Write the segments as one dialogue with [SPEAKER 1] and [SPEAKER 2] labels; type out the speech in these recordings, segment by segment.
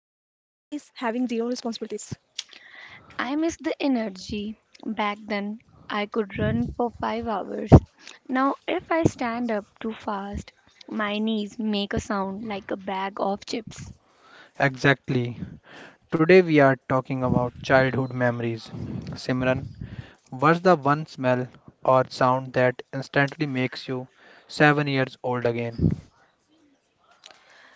[SPEAKER 1] zero responsibilities.
[SPEAKER 2] I miss the energy. Back then, I could run for 5 hours. Now, if I stand up too fast, my knees make a sound like a bag of chips.
[SPEAKER 3] Exactly. Today we are talking about childhood memories. Simran, what's the one smell or sound that instantly makes you 7 years old again?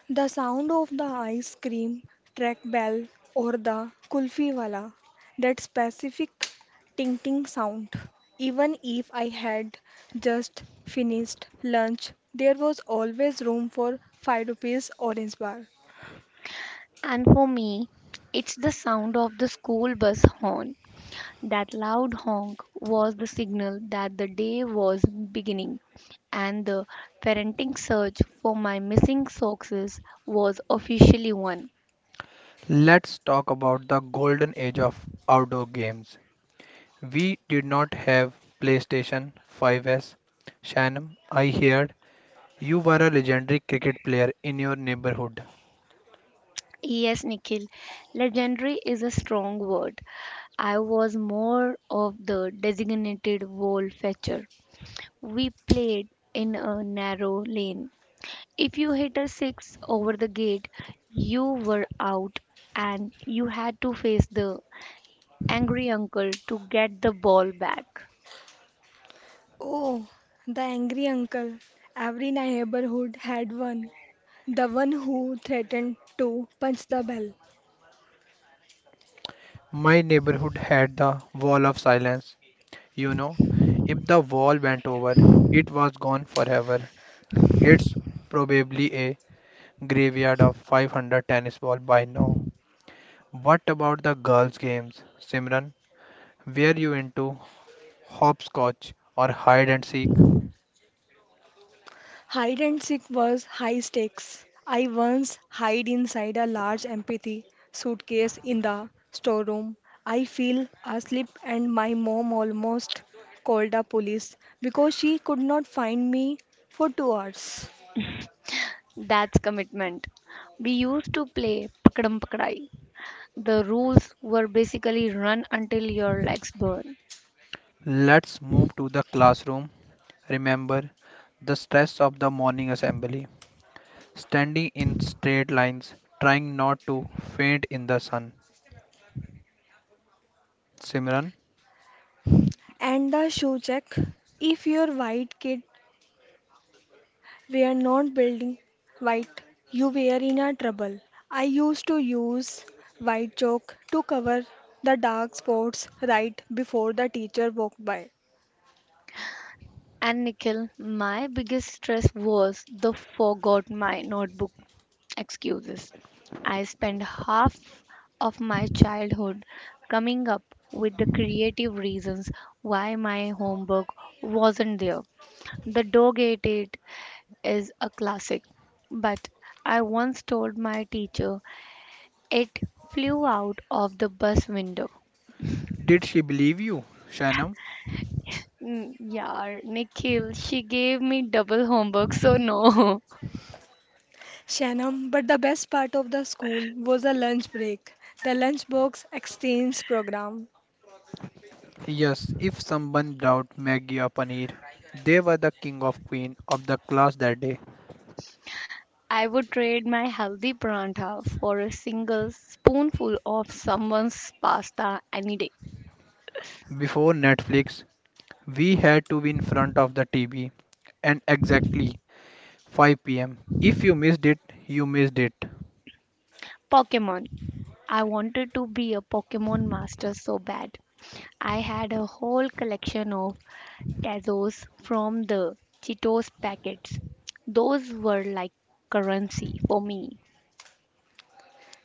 [SPEAKER 1] The sound of the ice cream track bell or the kulfi wala, that specific ting-ting sound. Even if I had just finished lunch, there was always room for 5 rupees orange bar.
[SPEAKER 2] And for me, it's the sound of the school bus horn. That loud honk was the signal that the day was beginning, and the parenting search for my missing socks was officially won.
[SPEAKER 3] Let's talk about the golden age of outdoor games. We did not have PlayStation 5S. Shannon, I heard you were a legendary cricket player in your neighborhood.
[SPEAKER 2] Yes, Nikhil, legendary is a strong word. I was more of the designated wall fetcher. We played in a narrow lane. If you hit a six over the gate, you were out and you had to face the angry uncle to get the ball back.
[SPEAKER 1] Oh, the angry uncle. Every neighborhood had one. The one who threatened to punch the bell.
[SPEAKER 3] My neighborhood had the wall of silence. You know, if the wall went over, it was gone forever. It's probably a graveyard of 500 tennis balls by now. What about the girls' games, Simran? Were you into hopscotch or hide and seek?
[SPEAKER 1] Hide and seek was high stakes. I once hid inside a large empty suitcase in the storeroom. I fell asleep and my mom almost called the police because she could not find me for 2 hours.
[SPEAKER 2] That's commitment. We used to play pakadam pakadai. The rules were basically run until your legs burn.
[SPEAKER 3] Let's move to the classroom. Remember the stress of the morning assembly, standing in straight lines, trying not to faint in the sun. Simran,
[SPEAKER 1] And the shoe check. If your white kid, we are not building white. You were in a trouble. I used to use white chalk to cover the dark spots right before the teacher walked by.
[SPEAKER 2] And Nikhil, my biggest stress was the forgot my notebook excuses. I spent half of my childhood coming up with the creative reasons why my homework wasn't there. The dog ate it is a classic, but I once told my teacher it flew out of the bus window.
[SPEAKER 3] did she believe you, Shanam?
[SPEAKER 2] Yeah, Nikhil, she gave me double homework, so no.
[SPEAKER 1] Shanam, but the best part of the school was the lunch break, the lunchbox exchange program.
[SPEAKER 3] Yes, if someone brought Maggie or Paneer, they were the king of queen of the class that day.
[SPEAKER 2] I would trade my healthy paranta for a single spoonful of someone's pasta any day.
[SPEAKER 3] Before Netflix, we had to be in front of the TV and exactly 5 pm. If you missed it, you missed it.
[SPEAKER 2] Pokemon. I wanted to be a Pokemon master so bad. I had a whole collection of Tazos from the Cheetos packets. Those were like currency for me.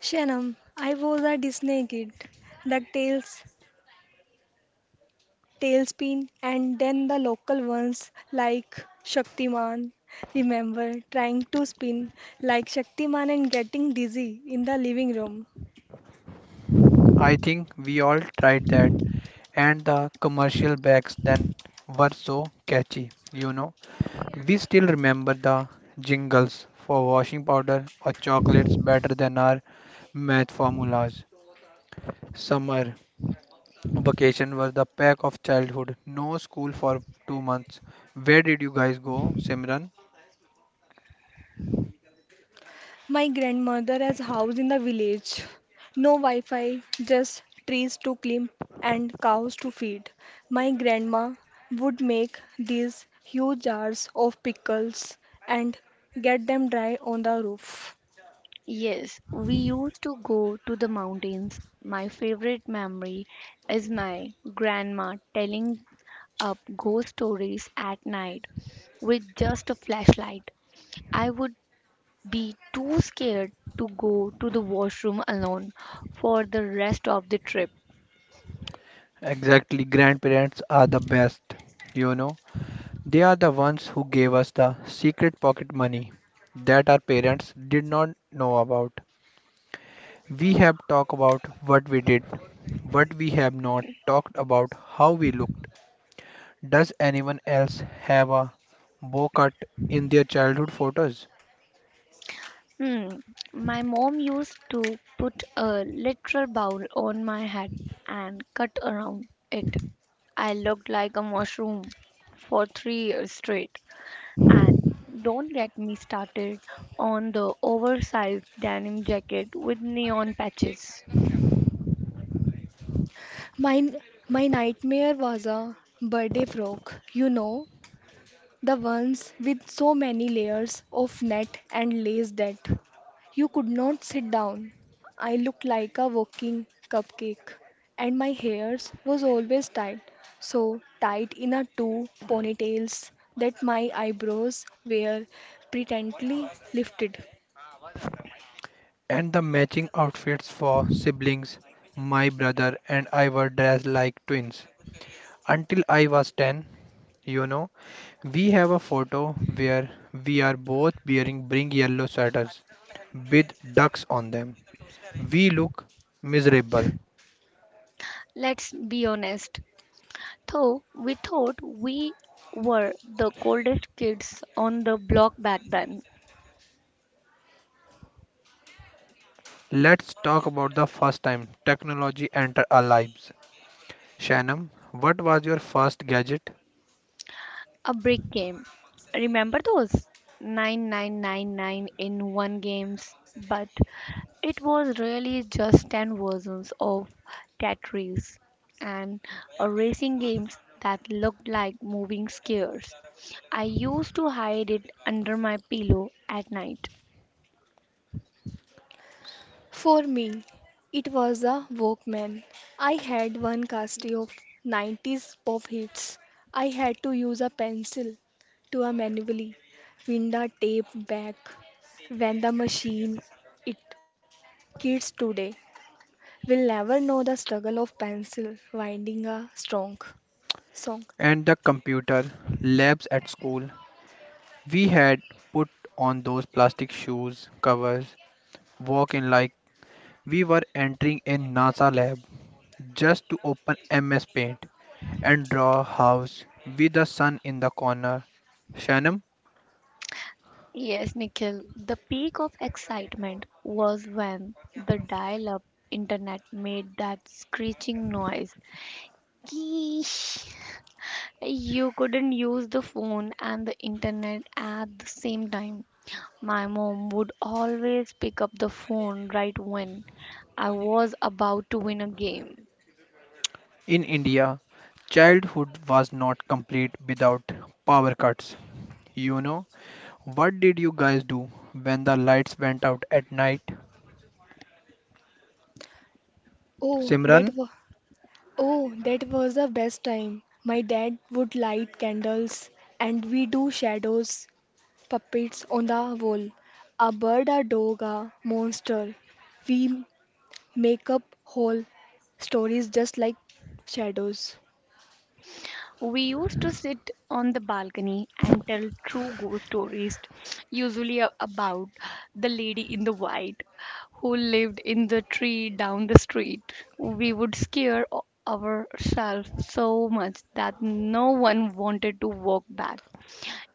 [SPEAKER 1] Shanam, I was a Disney kid. DuckTales, Tailspin, and then the local ones like Shaktiman. Remember trying to spin like Shaktiman and getting dizzy in the living room.
[SPEAKER 3] I think we all tried that, and the commercial breaks then were so catchy, you know. We still remember the jingles for washing powder or chocolates better than our math formulas. Summer vacation was the pack of childhood, no school for 2 months. Where did you guys go, Simran?
[SPEAKER 1] My grandmother has house in the village. No Wi-Fi, just trees to climb and cows to feed. My grandma would make these huge jars of pickles and get them dry on the roof.
[SPEAKER 2] Yes, we used to go to the mountains. My favorite memory is my grandma telling up ghost stories at night with just a flashlight. I would be too scared to go to the washroom alone for the rest of the trip.
[SPEAKER 3] Exactly, grandparents are the best. You know, they are the ones who gave us the secret pocket money that our parents did not know about. We have talked about what we did, but we have not talked about how we looked. Does anyone else have a bow cut in their childhood photos?
[SPEAKER 2] Hmm. My mom used to put a literal bowl on my head and cut around it. I looked like a mushroom for 3 years straight. And don't get me started on the oversized denim jacket with neon patches.
[SPEAKER 1] My my nightmare was a birthday frog. The ones with so many layers of net and lace that you could not sit down. I looked like a walking cupcake, and my hairs was always tied, so tight in a two ponytails that my eyebrows were pretently lifted.
[SPEAKER 3] And the matching outfits for siblings. My brother and I were dressed like twins until I was 10, you know. We have a photo where we are both wearing bring yellow sweaters with ducks on them. We look miserable.
[SPEAKER 2] Let's be honest, though we thought we were the coldest kids on the block back then.
[SPEAKER 3] Let's talk about the first time technology entered our lives. Shanam, what was your first gadget?
[SPEAKER 2] A brick game. Remember those? 9999 in one games, but it was really just 10 versions of Tetris and a racing games that looked like moving squares. I used to hide it under my pillow at night.
[SPEAKER 1] For me, it was a Walkman. I had one casty of 90s pop hits. I had to use a pencil to a manually wind a tape back when the machine it kids today will never know the struggle of pencil winding a strong song.
[SPEAKER 3] And the computer labs at school. We had put on those plastic shoes covers, walk in like we were entering a NASA lab just to open MS Paint and draw a house with the sun in the corner. Shanam,
[SPEAKER 2] Yes, Nikhil, the peak of excitement was when the dial up internet made that screeching noise. Geesh. You couldn't use the phone and the internet at the same time. My mom would always pick up the phone right when I was about to win a game.
[SPEAKER 3] in India, childhood was not complete without power cuts. You know, what did you guys do when the lights went out at night?
[SPEAKER 1] Oh, that
[SPEAKER 3] Simran?
[SPEAKER 1] was oh, that was the best time. My dad would light candles and we do shadows puppets on the wall. A bird, a dog, a monster. We make up whole stories just like shadows.
[SPEAKER 2] We used to sit on the balcony and tell true ghost stories, usually about the lady in the white who lived in the tree down the street. We would scare ourselves so much that no one wanted to walk back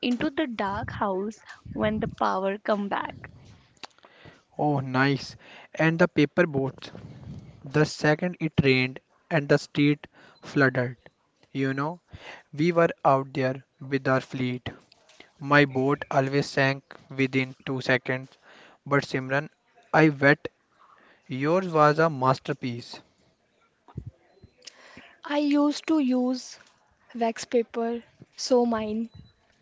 [SPEAKER 2] into the dark house when the power come back.
[SPEAKER 3] Oh, nice. And the paper boats. The second it rained and the street flooded. You know, we were out there with our fleet. My boat always sank within 2 seconds. But Simran, I bet yours was a masterpiece.
[SPEAKER 1] I used to use wax paper so mine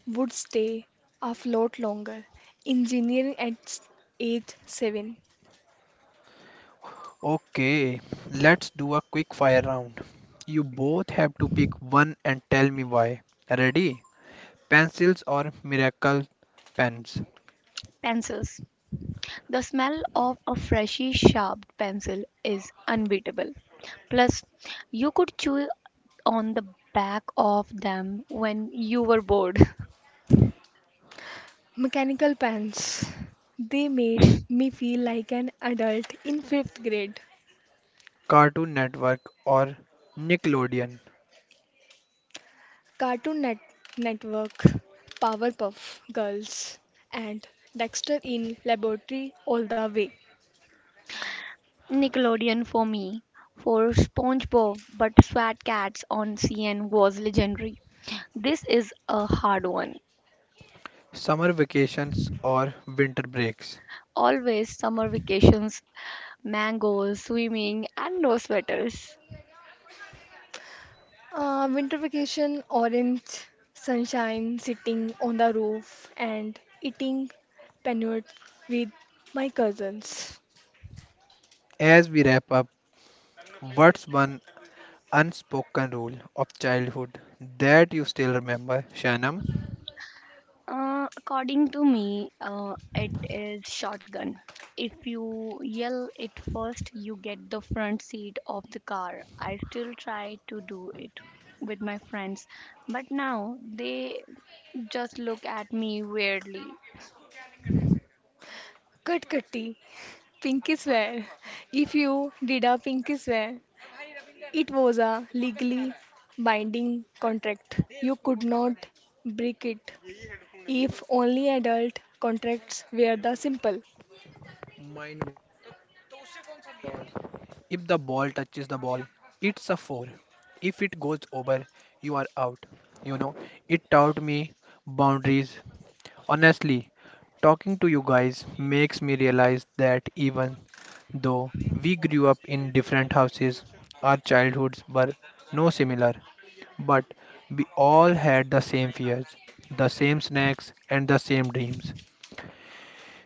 [SPEAKER 1] would stay afloat longer. Engineering at age 7.
[SPEAKER 3] Okay, let's do a quick fire round. You both have to pick one and tell me why. Ready? Pencils or Miracle Pens?
[SPEAKER 2] Pencils. The smell of a freshly sharpened pencil is unbeatable. Plus, you could chew on the back of them when you were bored.
[SPEAKER 1] Mechanical pants. They made me feel like an adult in 5th grade.
[SPEAKER 3] Cartoon Network or Nickelodeon?
[SPEAKER 1] Network, Powerpuff Girls, and Dexter in Laboratory all the way.
[SPEAKER 2] Nickelodeon for me, for SpongeBob, but Swat Cats on CN was legendary. This is a hard one.
[SPEAKER 3] Summer vacations or winter breaks?
[SPEAKER 2] Always summer vacations, mangoes, swimming, and no sweaters.
[SPEAKER 1] Winter vacation, orange sunshine, sitting on the roof and eating peanut with my cousins.
[SPEAKER 3] As we wrap up, what's one unspoken rule of childhood that you still remember, Shanam?
[SPEAKER 2] According to me, it is shotgun. If you yell it first, you get the front seat of the car. I still try to do it with my friends, but now they just look at me weirdly.
[SPEAKER 1] Katkati, pinky swear. If you did a pinky swear, it was a legally binding contract. You could not break it. If only adult contracts were the simple.
[SPEAKER 3] Mine was if the ball touches the ball, it's a four. If it goes over, you are out. You know, it taught me boundaries. Honestly, talking to you guys makes me realize that even though we grew up in different houses, our childhoods were no similar, but we all had the same fears, the same snacks, and the same dreams.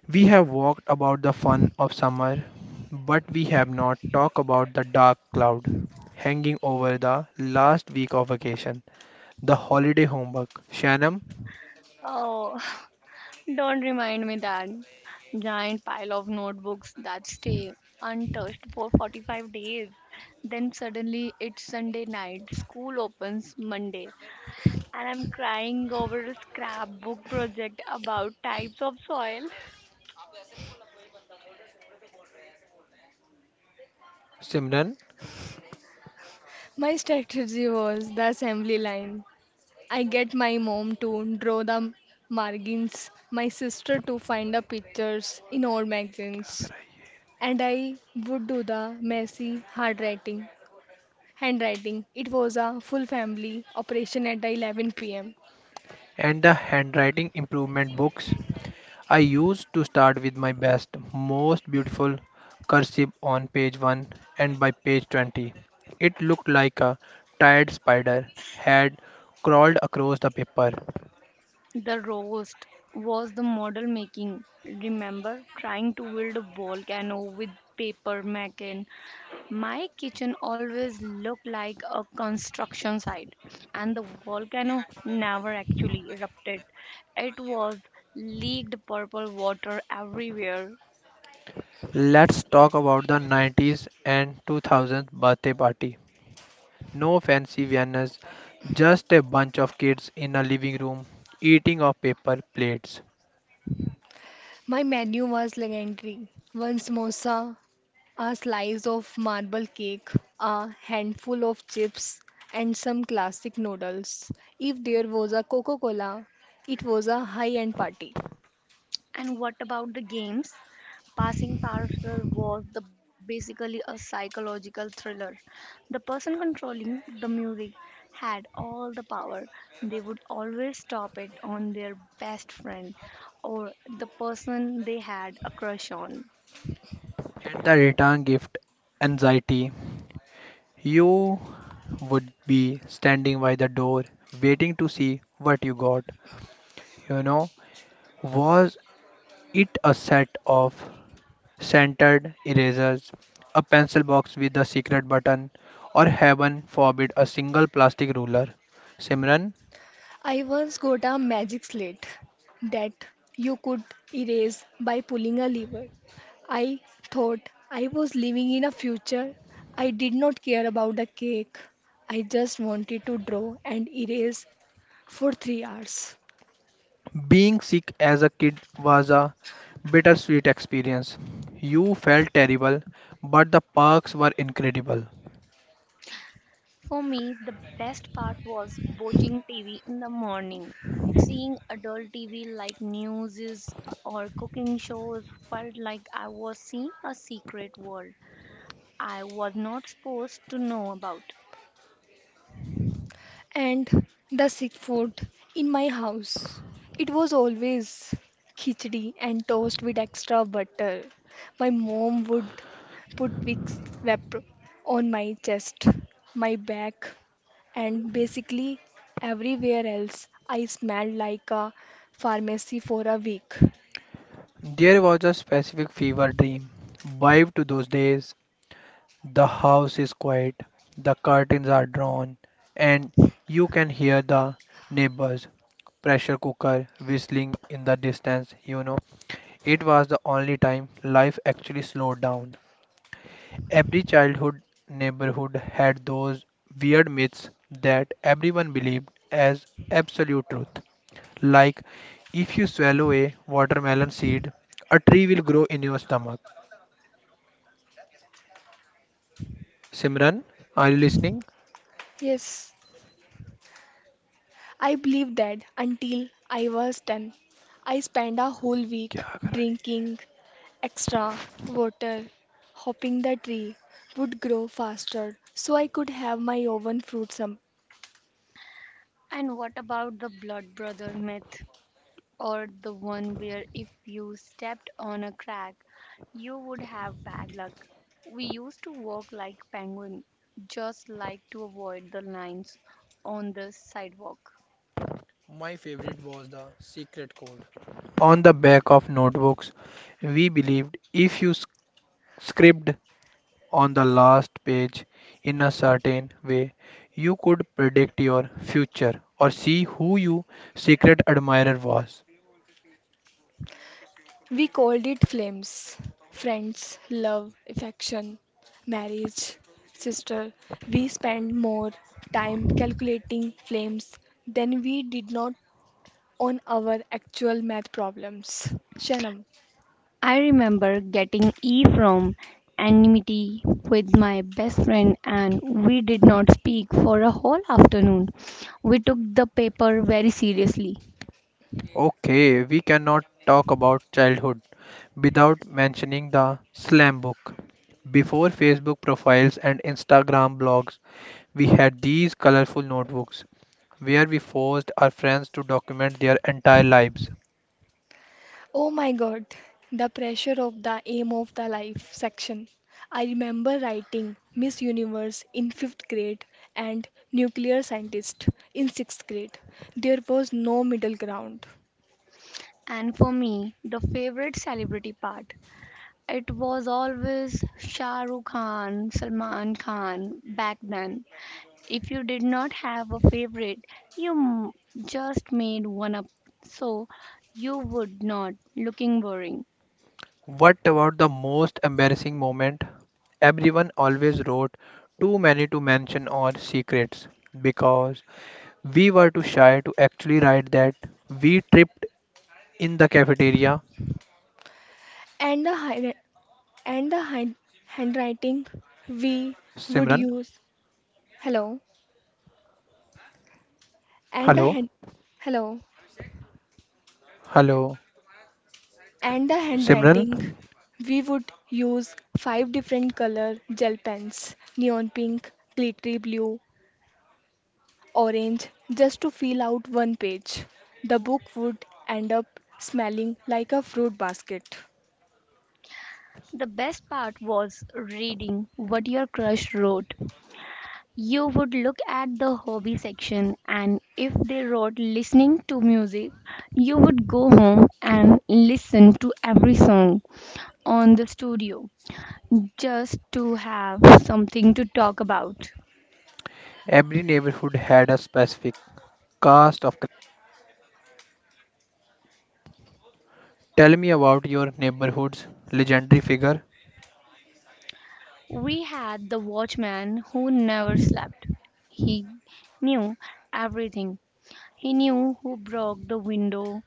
[SPEAKER 3] We have walked about the fun of summer, but we have not talked about the dark cloud hanging over the last week of vacation, the holiday homework. Shanam,
[SPEAKER 2] Oh, don't remind me that giant pile of notebooks that stay untouched for 45 days. Then suddenly it's Sunday night, school opens Monday and I'm crying over a scrapbook project about types of soil.
[SPEAKER 3] Simran,
[SPEAKER 1] My strategy was the assembly line. I get my mom to draw the margins, my sister to find the pictures in old magazines, and I would do the messy hard writing. Handwriting. It was a full family operation at 11 pm.
[SPEAKER 3] and the handwriting improvement books. I used to start with my best, most beautiful cursive on page 1, and by page 20 it looked like a tired spider had crawled across the paper.
[SPEAKER 2] The roast was the model making. Remember trying to build a volcano with paper making. My kitchen always looked like a construction site, and the volcano never actually erupted. It was leaked purple water everywhere.
[SPEAKER 3] Let's talk about the 90s and 2000s birthday party. No fancy viennas, just a bunch of kids in a living room eating off paper plates.
[SPEAKER 1] My menu was legendary. One samosa, a slice of marble cake, a handful of chips, and some classic noodles. If there was a Coca Cola, it was a high end party.
[SPEAKER 2] And what about the games? Passing Parcel was the basically a psychological thriller. The person controlling the music had all the power. They would always stop it on their best friend or the person they had a crush on.
[SPEAKER 3] And the return gift anxiety. You would be standing by the door waiting to see what you got. You know, was it a set of centered erasers, a pencil box with a secret button, or heaven forbid, a single plastic ruler. Simran,
[SPEAKER 1] I once got a magic slate that you could erase by pulling a lever. I thought I was living in a future. I did not care about the cake. I just wanted to draw and erase for 3 hours.
[SPEAKER 3] being sick as a kid was a bittersweet experience. You felt terrible, but the perks were incredible.
[SPEAKER 2] For me, the best part was watching TV in the morning. Seeing adult TV like news or cooking shows felt like I was seeing a secret world. I was not supposed to know about.
[SPEAKER 1] And the sick food in my house. It was always khichdi and toast with extra butter. My mom would put Vicks Vapro on my chest, my back, and basically everywhere else. I smelled like a pharmacy for a week.
[SPEAKER 3] There was a specific fever dream vibe to those days. The house is quiet, the curtains are drawn, and you can hear the neighbor's pressure cooker whistling in the distance. You know, it was the only time life actually slowed down. Every childhood neighborhood had those weird myths that everyone believed as absolute truth. Like, if you swallow a watermelon seed, a tree will grow in your stomach. Simran, are you listening?
[SPEAKER 1] Yes, I believed that until I was 10. I spent a whole week
[SPEAKER 3] क्या करा.
[SPEAKER 1] drinking extra water, hoping the tree would grow faster so I could have my oven fruit some.
[SPEAKER 2] And what about the blood brother myth? Or the one where if you stepped on a crack, you would have bad luck. We used to walk like penguin, just like to avoid the lines on the sidewalk.
[SPEAKER 3] My favorite was the secret code. On the back of notebooks, we believed if you scribbled on the last page in a certain way, you could predict your future or see who your secret admirer was.
[SPEAKER 1] We called it flames. Friends, love, affection, marriage, sister. We spent more time calculating flames than we did not on our actual math problems. Shanam.
[SPEAKER 2] I remember getting E from enmity with my best friend and we did not speak for a whole afternoon. We took the paper very seriously.
[SPEAKER 3] Okay, we cannot talk about childhood without mentioning the slam book. Before Facebook profiles and Instagram blogs, we had these colorful notebooks where we forced our friends to document their entire lives.
[SPEAKER 1] Oh my God, the pressure of the aim of the life section. I remember writing Miss Universe in fifth grade and nuclear scientist in sixth grade. There was no middle ground.
[SPEAKER 2] And for me, the favorite celebrity part. It was always Shah Rukh Khan, Salman Khan back then. If you did not have a favorite, you m- just made one up so you would not looking boring.
[SPEAKER 3] What about the most embarrassing moment? Everyone always wrote too many to mention or secrets because we were too shy to actually write that we tripped in the cafeteria.
[SPEAKER 1] And the hi- and the hi-
[SPEAKER 3] Simran,
[SPEAKER 1] handwriting we would use. Hello. And
[SPEAKER 3] hello,
[SPEAKER 1] the hand, hello.
[SPEAKER 3] hello,
[SPEAKER 1] And the
[SPEAKER 3] Simran.
[SPEAKER 1] handwriting we would use five different color gel pens neon pink glittery blue orange just to fill out one page. The book would end up smelling like a fruit basket.
[SPEAKER 2] The best part was reading what your crush wrote. You would look at the hobby section and if they wrote listening to music, you would go home and listen to every song on the studio just to have something to talk about.
[SPEAKER 3] Every neighborhood had a specific cast of. Tell me about your neighborhood's legendary figure.
[SPEAKER 2] We had the watchman who never slept. He knew everything. He knew who broke the window,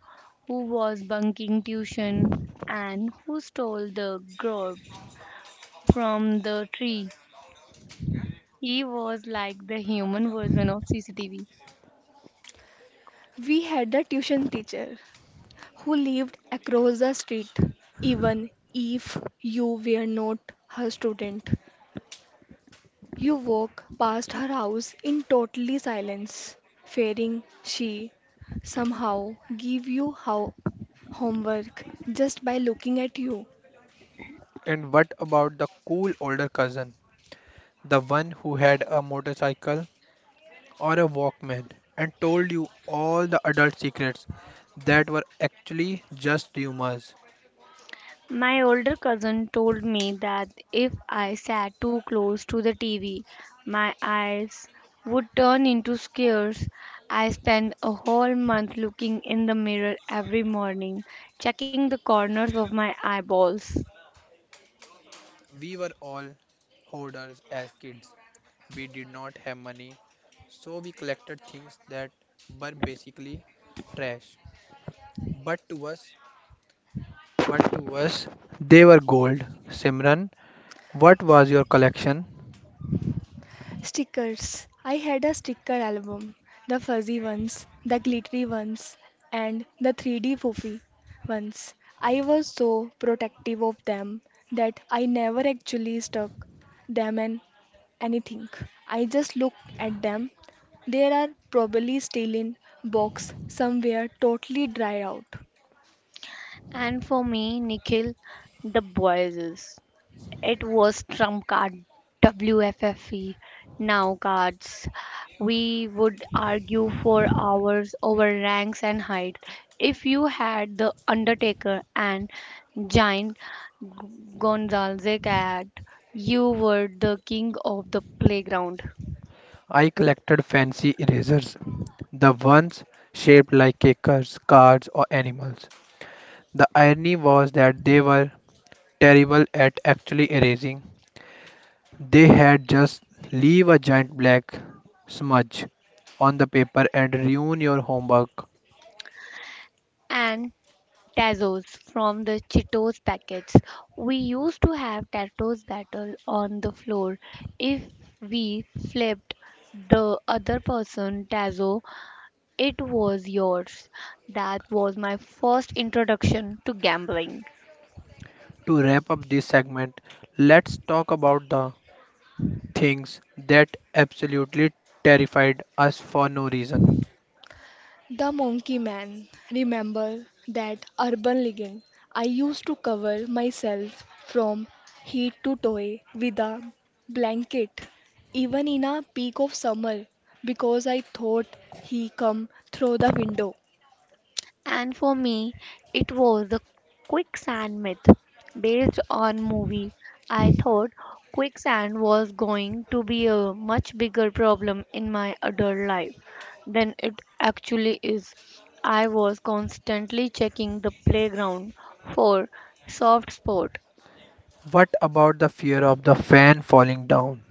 [SPEAKER 2] who was bunking tuition, and who stole the grub from the tree. He was like the human version of CCTV.
[SPEAKER 1] We had a tuition teacher who lived across the street. Even if you were not her student, you walk past her house in totally silence, fearing she somehow give you how homework just by looking at you.
[SPEAKER 3] And what about the cool older cousin, the one who had a motorcycle or a Walkman and told you all the adult secrets that were actually just rumors.
[SPEAKER 2] My older cousin told me that if I sat too close to the TV, my eyes would turn into scars. I spent a whole month looking in the mirror every morning, checking the corners of my eyeballs.
[SPEAKER 3] We were all hoarders as kids. We did not have money, so we collected things that were basically trash. But to us, but to us, they were gold. Simran, what was your collection?
[SPEAKER 1] Stickers. I had a sticker album. The fuzzy ones, the glittery ones, and the 3D foofy ones. I was so protective of them that I never actually stuck them in anything. I just looked at them. They are probably still in box somewhere totally dried out.
[SPEAKER 2] And for me, Nikhil, the voices. It was trump card WFFE now cards. We would argue for hours over ranks and height. If you had the Undertaker and Giant Gonzalez at, you were the king of the playground.
[SPEAKER 3] I collected fancy erasers, the ones shaped like cakes, cards, or animals. The irony was that they were terrible at actually erasing. They had just leave a giant black smudge on the paper and ruin your homework.
[SPEAKER 2] And Tazos from the Cheetos packets. We used to have Tazos battle on the floor. If we flipped the other person Tazo, it was yours. That was my first introduction to gambling.
[SPEAKER 3] To wrap up this segment, let's talk about the things that absolutely terrified us for no reason.
[SPEAKER 1] The Monkey Man. Remember that urban legend? I used to cover myself from head to toe with a blanket, even in a peak of summer, because I thought he come through the window.
[SPEAKER 2] And for me, it was the quicksand myth. Based on movie, I thought quicksand was going to be a much bigger problem in my adult life than it actually is. I was constantly checking the playground for soft spot.
[SPEAKER 3] What about the fear of the fan falling down?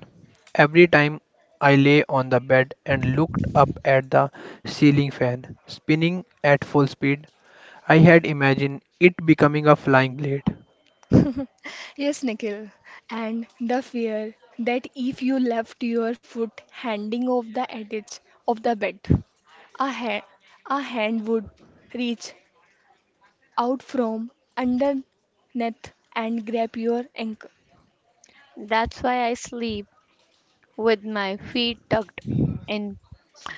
[SPEAKER 3] Every time I lay on the bed and looked up at the ceiling fan, spinning at full speed, I had imagined it becoming a flying blade.
[SPEAKER 1] Yes, Nikhil. And the fear that if you left your foot handing off the edge of the bed, a, ha- a hand would reach out from underneath and grab your ankle.
[SPEAKER 2] That's why I sleep with my feet tucked in.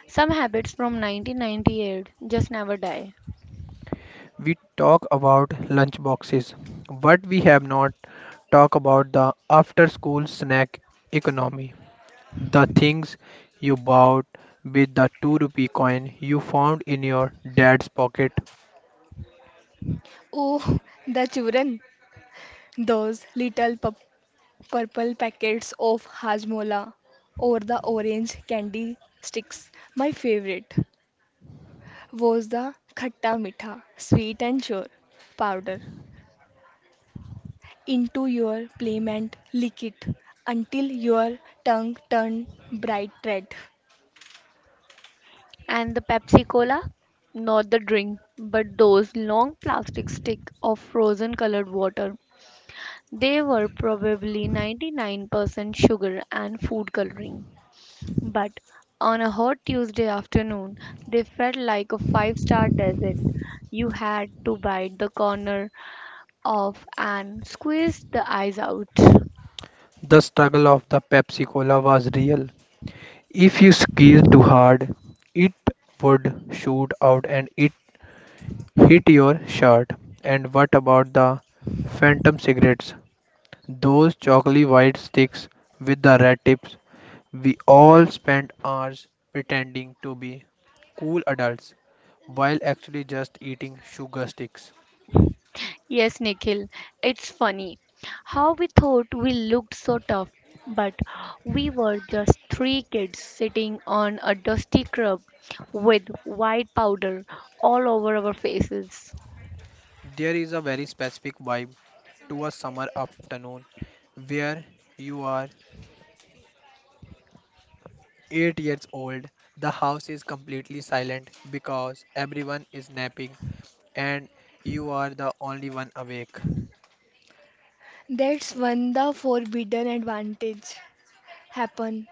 [SPEAKER 2] Some habits from 1998 just never die.
[SPEAKER 3] We talk about lunchboxes, but we have not talked about the after school snack economy. The things you bought with the 2 rupee coin you found in your dad's pocket.
[SPEAKER 1] Oh, the children, those little purple packets of hajmola or the orange candy sticks. My favorite was the khatta mitha, sweet and sure powder into your plate and lick it until your tongue turned bright red.
[SPEAKER 2] And the Pepsi Cola, not the drink, but those long plastic stick of frozen colored water. They were probably 99% sugar and food coloring. But on a hot Tuesday afternoon, they felt like a five-star desert. You had to bite the corner off and squeeze the ice out.
[SPEAKER 3] The struggle of the Pepsi Cola was real. If you squeezed too hard, it would shoot out and it hit your shirt. And what about the phantom cigarettes? Those chocolate white sticks with the red tips. We all spent hours pretending to be cool adults while actually just eating sugar sticks.
[SPEAKER 2] Yes, Nikhil, it's funny how we thought we looked so tough, but we were just three kids sitting on a dusty crib with white powder all over our faces.
[SPEAKER 3] There is a very specific vibe to a summer afternoon where you are 8 years old, the house is completely silent because everyone is napping and you are the only one awake.
[SPEAKER 1] That's one the forbidden advantage. Happen,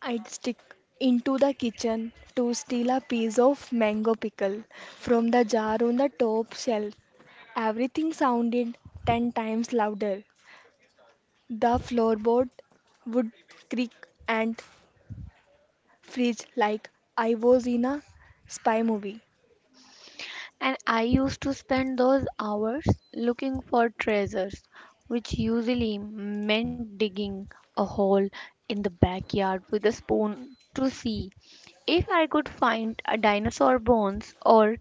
[SPEAKER 1] I'd stick into the kitchen to steal a piece of mango pickle from the jar on the top shelf. Everything sounded ten times louder. The floorboard would creak and freeze like I was in a spy movie.
[SPEAKER 2] And I used to spend those hours looking for treasures, which usually meant digging a hole in the backyard with a spoon to see if I could find a dinosaur bones or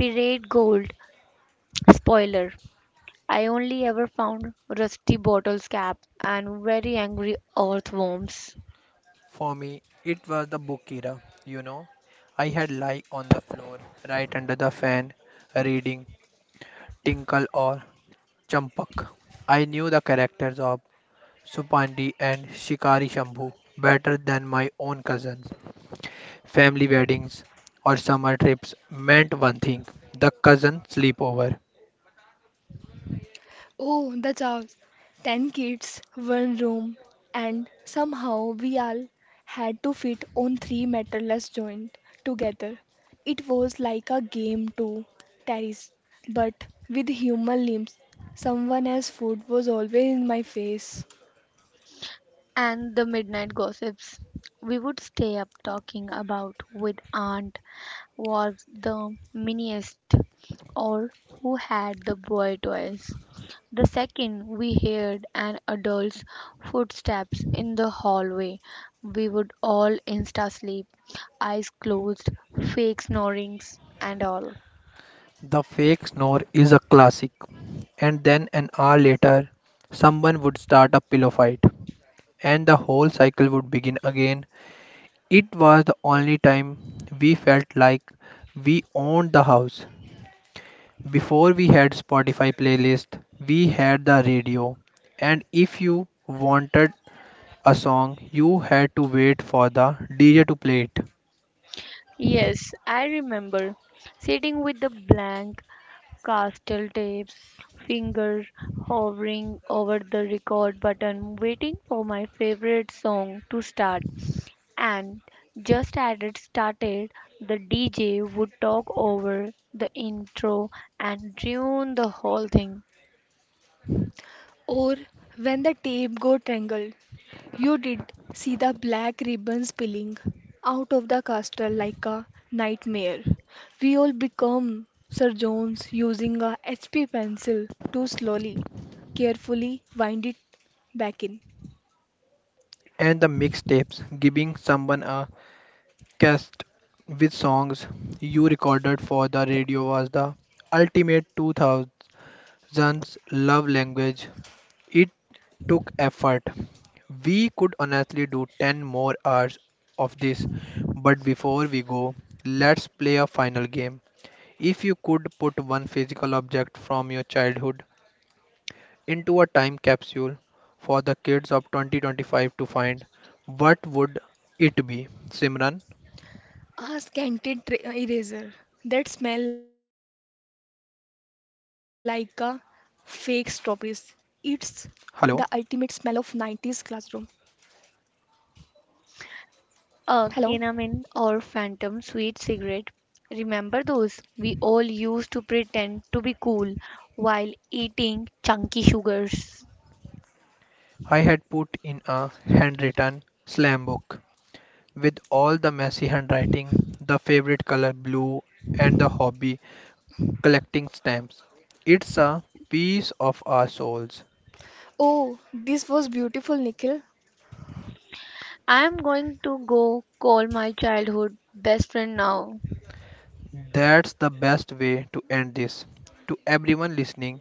[SPEAKER 2] pirate gold. Spoiler: I only ever found Rusty Bottle's cap and very angry earthworms.
[SPEAKER 3] For me, it was the book era, you know. I had lie on the floor right under the fan reading Tinkle or Champak. I knew the characters of Supandi and Shikari Shambhu better than my own cousins. Family weddings or summer trips meant one thing, the cousin sleepover.
[SPEAKER 1] Oh, the chaos. Ten kids, one room, and somehow we all had to fit on three meterless joints together. It was like a game to terrace, but with human limbs. Someone else's food was always in my face.
[SPEAKER 2] And the midnight gossips we would stay up talking about with Aunt was the miniest or who had the boy toys. The second we heard an adult's footsteps in the hallway, we would all insta sleep, eyes closed, fake snorings, and all.
[SPEAKER 3] The fake snore is a classic. And then an hour later, someone would start a pillow fight, and the whole cycle would begin again. It was the only time we felt like we owned the house. Before we had Spotify playlist, we had the radio, and if you wanted a song, you had to wait for the DJ to play it.
[SPEAKER 2] Yes, I remember sitting with the blank castle tape, finger hovering over the record button, waiting for my favorite song to start. And just as it started, the DJ would talk over the intro and ruin the whole thing.
[SPEAKER 1] Or when the tape got tangled, you did see the black ribbon spilling out of the castle like a nightmare. We all become Sir Jones using a HP pencil to slowly, carefully wind it back in.
[SPEAKER 3] And the mixtapes, giving someone a podcast with songs you recorded for the radio was the ultimate 2000s love language. It took effort. We could honestly do 10 more hours of this, but before we go, let's play a final game. If you could put one physical object from your childhood into a time capsule for the kids of 2025 to find, what would it be? Simran,
[SPEAKER 1] A scented eraser that smell like a fake strawberries. It's
[SPEAKER 3] hello.
[SPEAKER 1] the ultimate smell of 90s classroom. Hello.
[SPEAKER 2] A canamin or phantom sweet cigarette. Remember those? We all used to pretend to be cool while eating chunky sugars.
[SPEAKER 3] I had put in a handwritten slam book with all the messy handwriting, the favorite color blue, and the hobby collecting stamps. It's a piece of our souls.
[SPEAKER 1] Oh, this was beautiful, Nikhil.
[SPEAKER 2] I am going to go call my childhood best friend now.
[SPEAKER 3] That's the best way to end this. To everyone listening,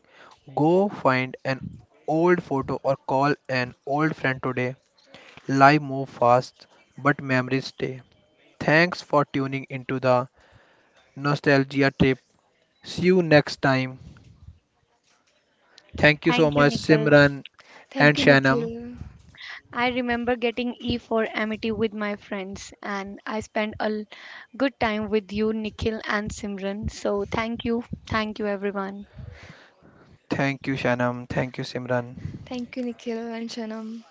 [SPEAKER 3] go find an old photo or call an old friend today. Life moves fast, but memories stay. Thanks for tuning into the nostalgia trip. See you next time. Thank you so
[SPEAKER 2] Thank you,
[SPEAKER 3] much,
[SPEAKER 2] Nicole.
[SPEAKER 3] Simran and
[SPEAKER 1] Thank you,
[SPEAKER 3] Shanam.
[SPEAKER 1] Nikhil.
[SPEAKER 2] I remember getting E for amity with my friends, and I spent a good time with you, Nikhil and Simran. So, thank you. Thank you, everyone.
[SPEAKER 3] Thank you, Shanam. Thank you, Simran.
[SPEAKER 1] Thank you, Nikhil and Shanam.